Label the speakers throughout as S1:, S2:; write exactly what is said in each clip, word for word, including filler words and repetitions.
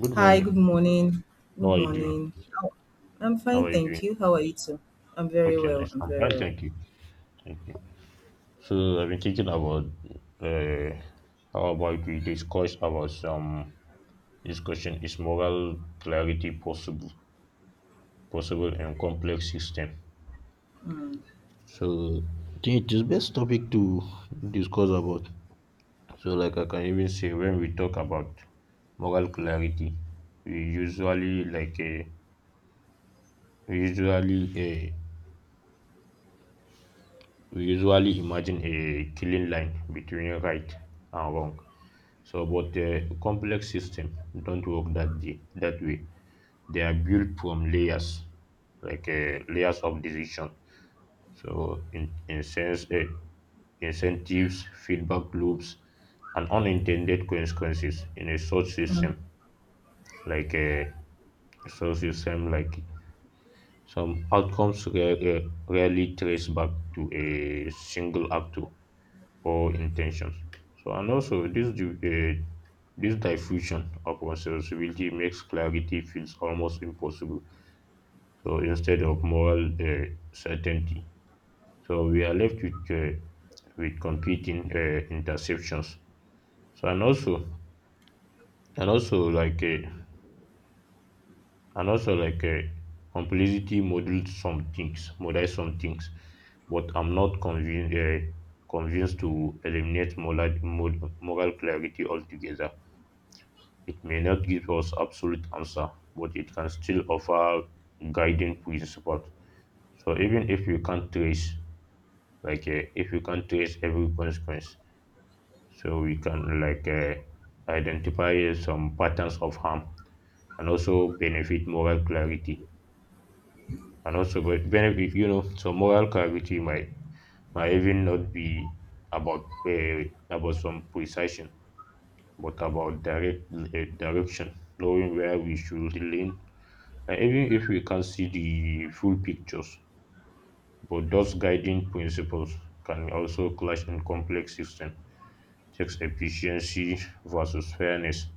S1: Good
S2: Hi, good
S1: morning.
S2: morning.
S1: How
S2: Good
S1: are you doing?
S2: morning. How- I'm
S1: How
S2: fine,
S1: are you doing?
S2: thank you. How are you too? I'm very
S1: Okay,
S2: well.
S1: nice.
S2: I'm
S1: I'm
S2: very
S1: fine,
S2: well.
S1: thank you. Thank you. So I've been thinking about uh, how about we discuss about some this question is moral clarity possible possible in complex system.
S2: Mm,
S1: So I think it is best topic to discuss about. So like I can even say when we talk about moral clarity, we usually like a we usually uh, we usually imagine a clean line between right and wrong. So, but uh, complex systems don't work that day, that way. They are built from layers, like uh, layers of decision. So, in, in sense, uh, incentives, feedback loops, and unintended consequences in a source
S2: mm,
S1: system, like uh, a source system, like some outcomes rare, uh, rarely trace back to a single actor or intentions. So, and also this div- uh, this diffusion of responsibility makes clarity feels almost impossible. So instead of moral uh, certainty, so we are left with uh, with competing uh, interceptions. So and also and also like uh, and also like uh, complicity models some things, models some things, but I'm not convinced uh, convinced to eliminate moral moral clarity altogether. It may not give us absolute answer, but it can still offer guiding principles. So even if we can't trace, like uh, if we can't trace every consequence, so we can like uh, identify some patterns of harm and also benefit moral clarity. And also be- benefit, you know, so moral clarity might might even not be about uh, about some precision, but about direct uh, direction, knowing where we should lean. And even if we can't see the full pictures, but those guiding principles can also clash in complex systems, takes efficiency versus fairness,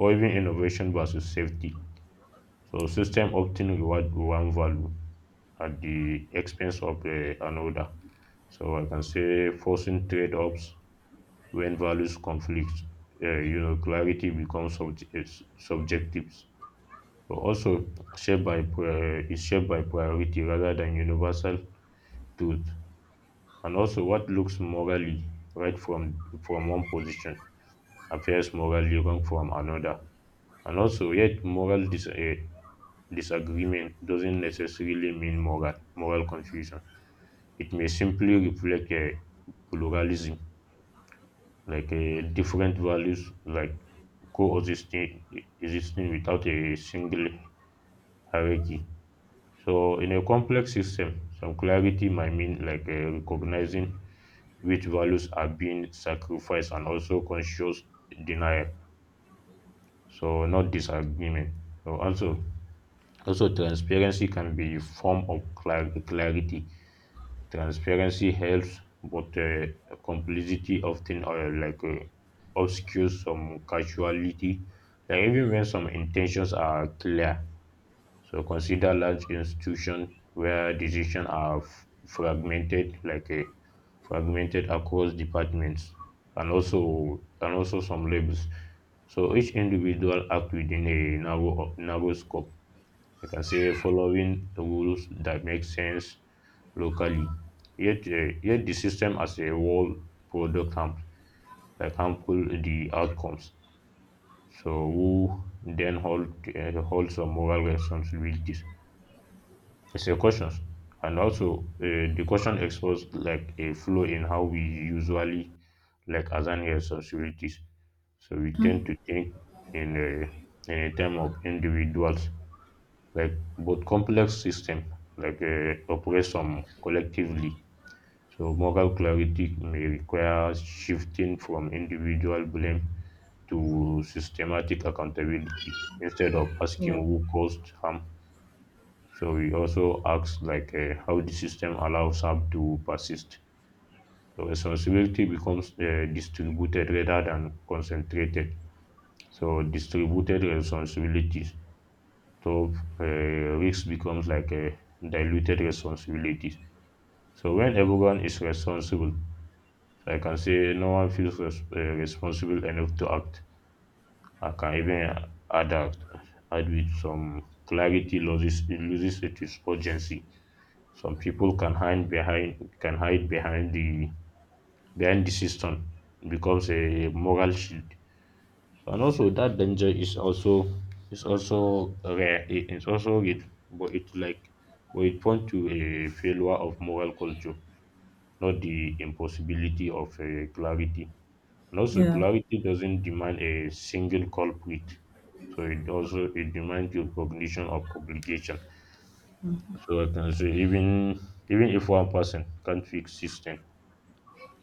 S1: or even innovation versus safety. So system often reward one value at the expense of uh, another. So I can say forcing trade-offs when values conflict. Uh, you know, clarity becomes sub- is subjective. So also shaped by pri- is shaped by priority rather than universal truth, and also what looks morally right from from one position appears morally wrong from another, and also yet moral dis- eh, disagreement doesn't necessarily mean moral moral confusion. It may simply reflect a pluralism, like a different values like coexisting existing without a single hierarchy. So in a complex system, some clarity might mean like eh, recognizing which values are being sacrificed and also conscious denial, so not disagreement. So also also transparency can be a form of clar- clarity. Transparency helps but uh, complicity often uh, like uh, obscures some casuality, like even when some intentions are clear. So consider large institutions where decisions are f- fragmented, like a fragmented across departments, and also and also some labels. So each individual act within a narrow narrow scope. I can say following rules that make sense locally. Yet, uh, yet the system as a whole product harm, like harmful the outcomes. So who then hold uh, holds some moral responsibilities? It's a question. And also, uh, the question exposed like a flaw in how we usually like assign responsibilities. So we tend to think in a, in a term of individuals, like both complex system like uh, operate some collectively. So moral clarity may require shifting from individual blame to systematic accountability, instead of
S2: yeah,
S1: asking who caused harm, so we also ask like uh, how the system allows app to persist. So responsibility becomes uh, distributed rather than concentrated. So distributed responsibilities. So uh, risk becomes like a diluted responsibilities. So when everyone is responsible, so I can say no one feels res- uh, responsible enough to act. I can even add act, add with some clarity loses it loses its urgency. Some people can hide behind can hide behind the behind the system, it becomes a moral shield, and also that danger is also is also rare it is also real, but it like but it point to a failure of moral culture, not the impossibility of uh, clarity. And also
S2: yeah,
S1: clarity doesn't demand a single culprit, so it also it demands your cognition of obligation. So I can say even even if one person can't fix system,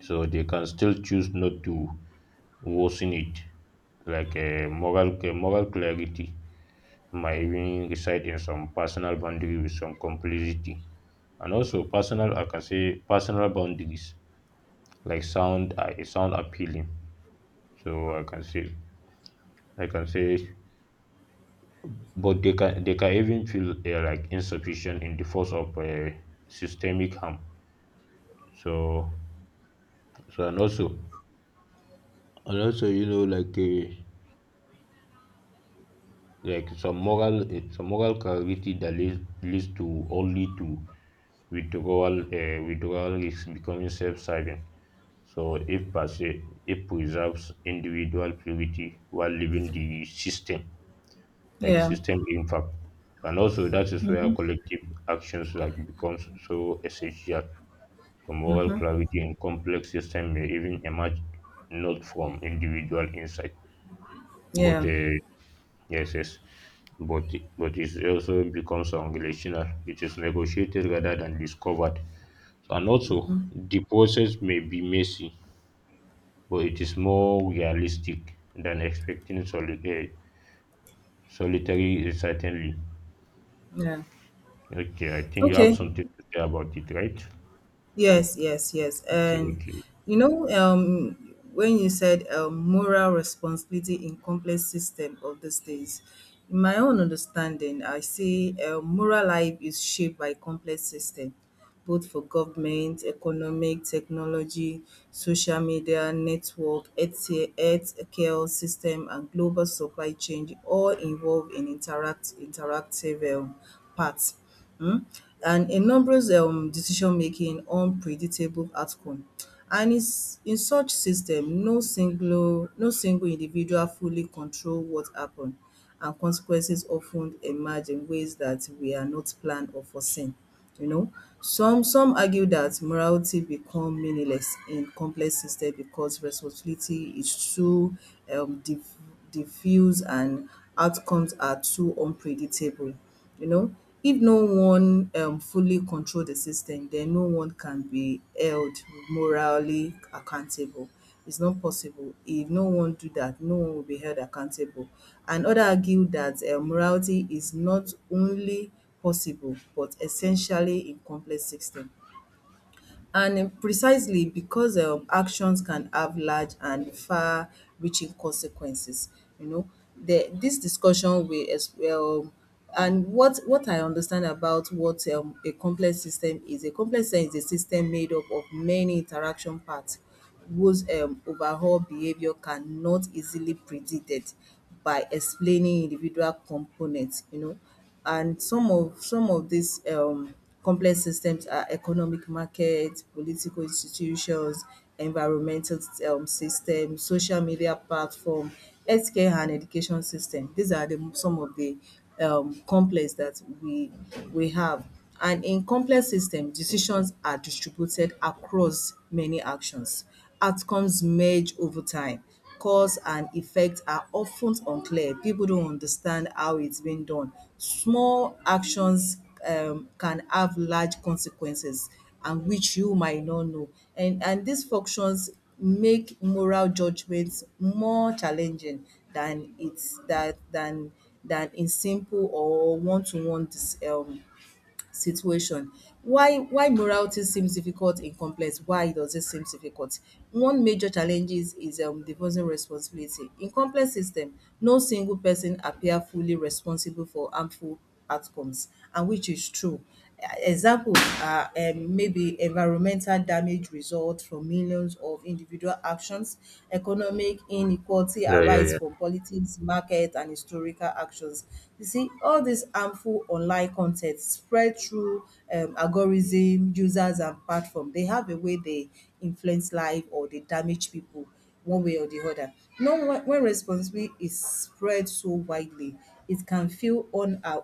S1: so they can still choose not to worsen it. Like a moral, a moral clarity might even reside in some personal boundary with some complicity, and also personal. I can say personal boundaries like sound are uh, sound appealing. So I can say I can say, but they can they can even feel uh, like insufficient in the force of uh, systemic harm. So so and also and also you know like. Uh, like some moral eh, some moral clarity that leads, leads to only to withdrawal uh, withdrawal is becoming self-serving. So if per se it preserves individual purity while leaving the system like
S2: yeah.
S1: system impact, and also that is where
S2: Mm-hmm,
S1: collective actions like becomes so essential. So moral
S2: mm-hmm,
S1: clarity in complex system may even emerge not from individual insight but
S2: yeah,
S1: uh, yes, yes. But but it also becomes unrelational. It is negotiated rather than discovered. So, and also the process may be messy, but it is more realistic than expecting soli- uh, solitary certainly.
S2: yeah.
S1: Okay, I think you have
S2: Okay,
S1: something to say about it, right?
S2: yes, yes, yes.
S1: Okay,
S2: And
S1: okay.
S2: you know, um, when you said um, moral responsibility in complex system of these days, in my own understanding, I see um, moral life is shaped by complex system, both for government, economic, technology, social media, network, health healthcare system, and global supply chain all involved in interact interactive um, parts. Hmm? And in numerous um, decision making unpredictable outcome. And is in such system, no single no single individual fully control what happen and consequences of ten emerge in ways that we are not planned or foreseen. You know. Some some argue that morality become meaningless in complex system because responsibility is too um, diff- diffuse and outcomes are too unpredictable. You know, if no one um, fully control the system, then no one can be held morally accountable. It's not possible. If no one do that, no one will be held accountable. And other argue that uh, morality is not only possible but essentially in complex system. And um, precisely because um, actions can have large and far-reaching consequences, you know, the, this discussion will as well. And what what I understand about what um, a complex system is, a complex system is a system made up of many interaction parts whose um, overall behavior cannot easily predicted by explaining individual components, you know, and some of some of these um, complex systems are economic markets, political institutions, environmental um, systems, social media platform, healthcare and education system. These are the some of the um, complex that we we have. And in complex systems, decisions are distributed across many actions. Outcomes merge over time. Cause and effect are often unclear. People don't understand how it's being done. Small actions um, can have large consequences, and which you might not know. And, and these functions make moral judgments more challenging than it's that than than in simple or one-to-one dis, um, situation. Why why morality seems difficult in complex, why does it seem difficult? One major challenges is is um divorcing responsibility. In complex system, no single person appear fully responsible for harmful outcomes, and which is true. Examples are um maybe environmental damage result from millions of individual actions, economic inequality
S1: Yeah, yeah,
S2: arise
S1: yeah.
S2: from politics, market and historical actions. You see, all these harmful online con ten t spread through um algorithm, users and platform. They have a way they influence life or they damage people one way or the other. Now, when when responsibility is spread so widely, it can feel un- uh,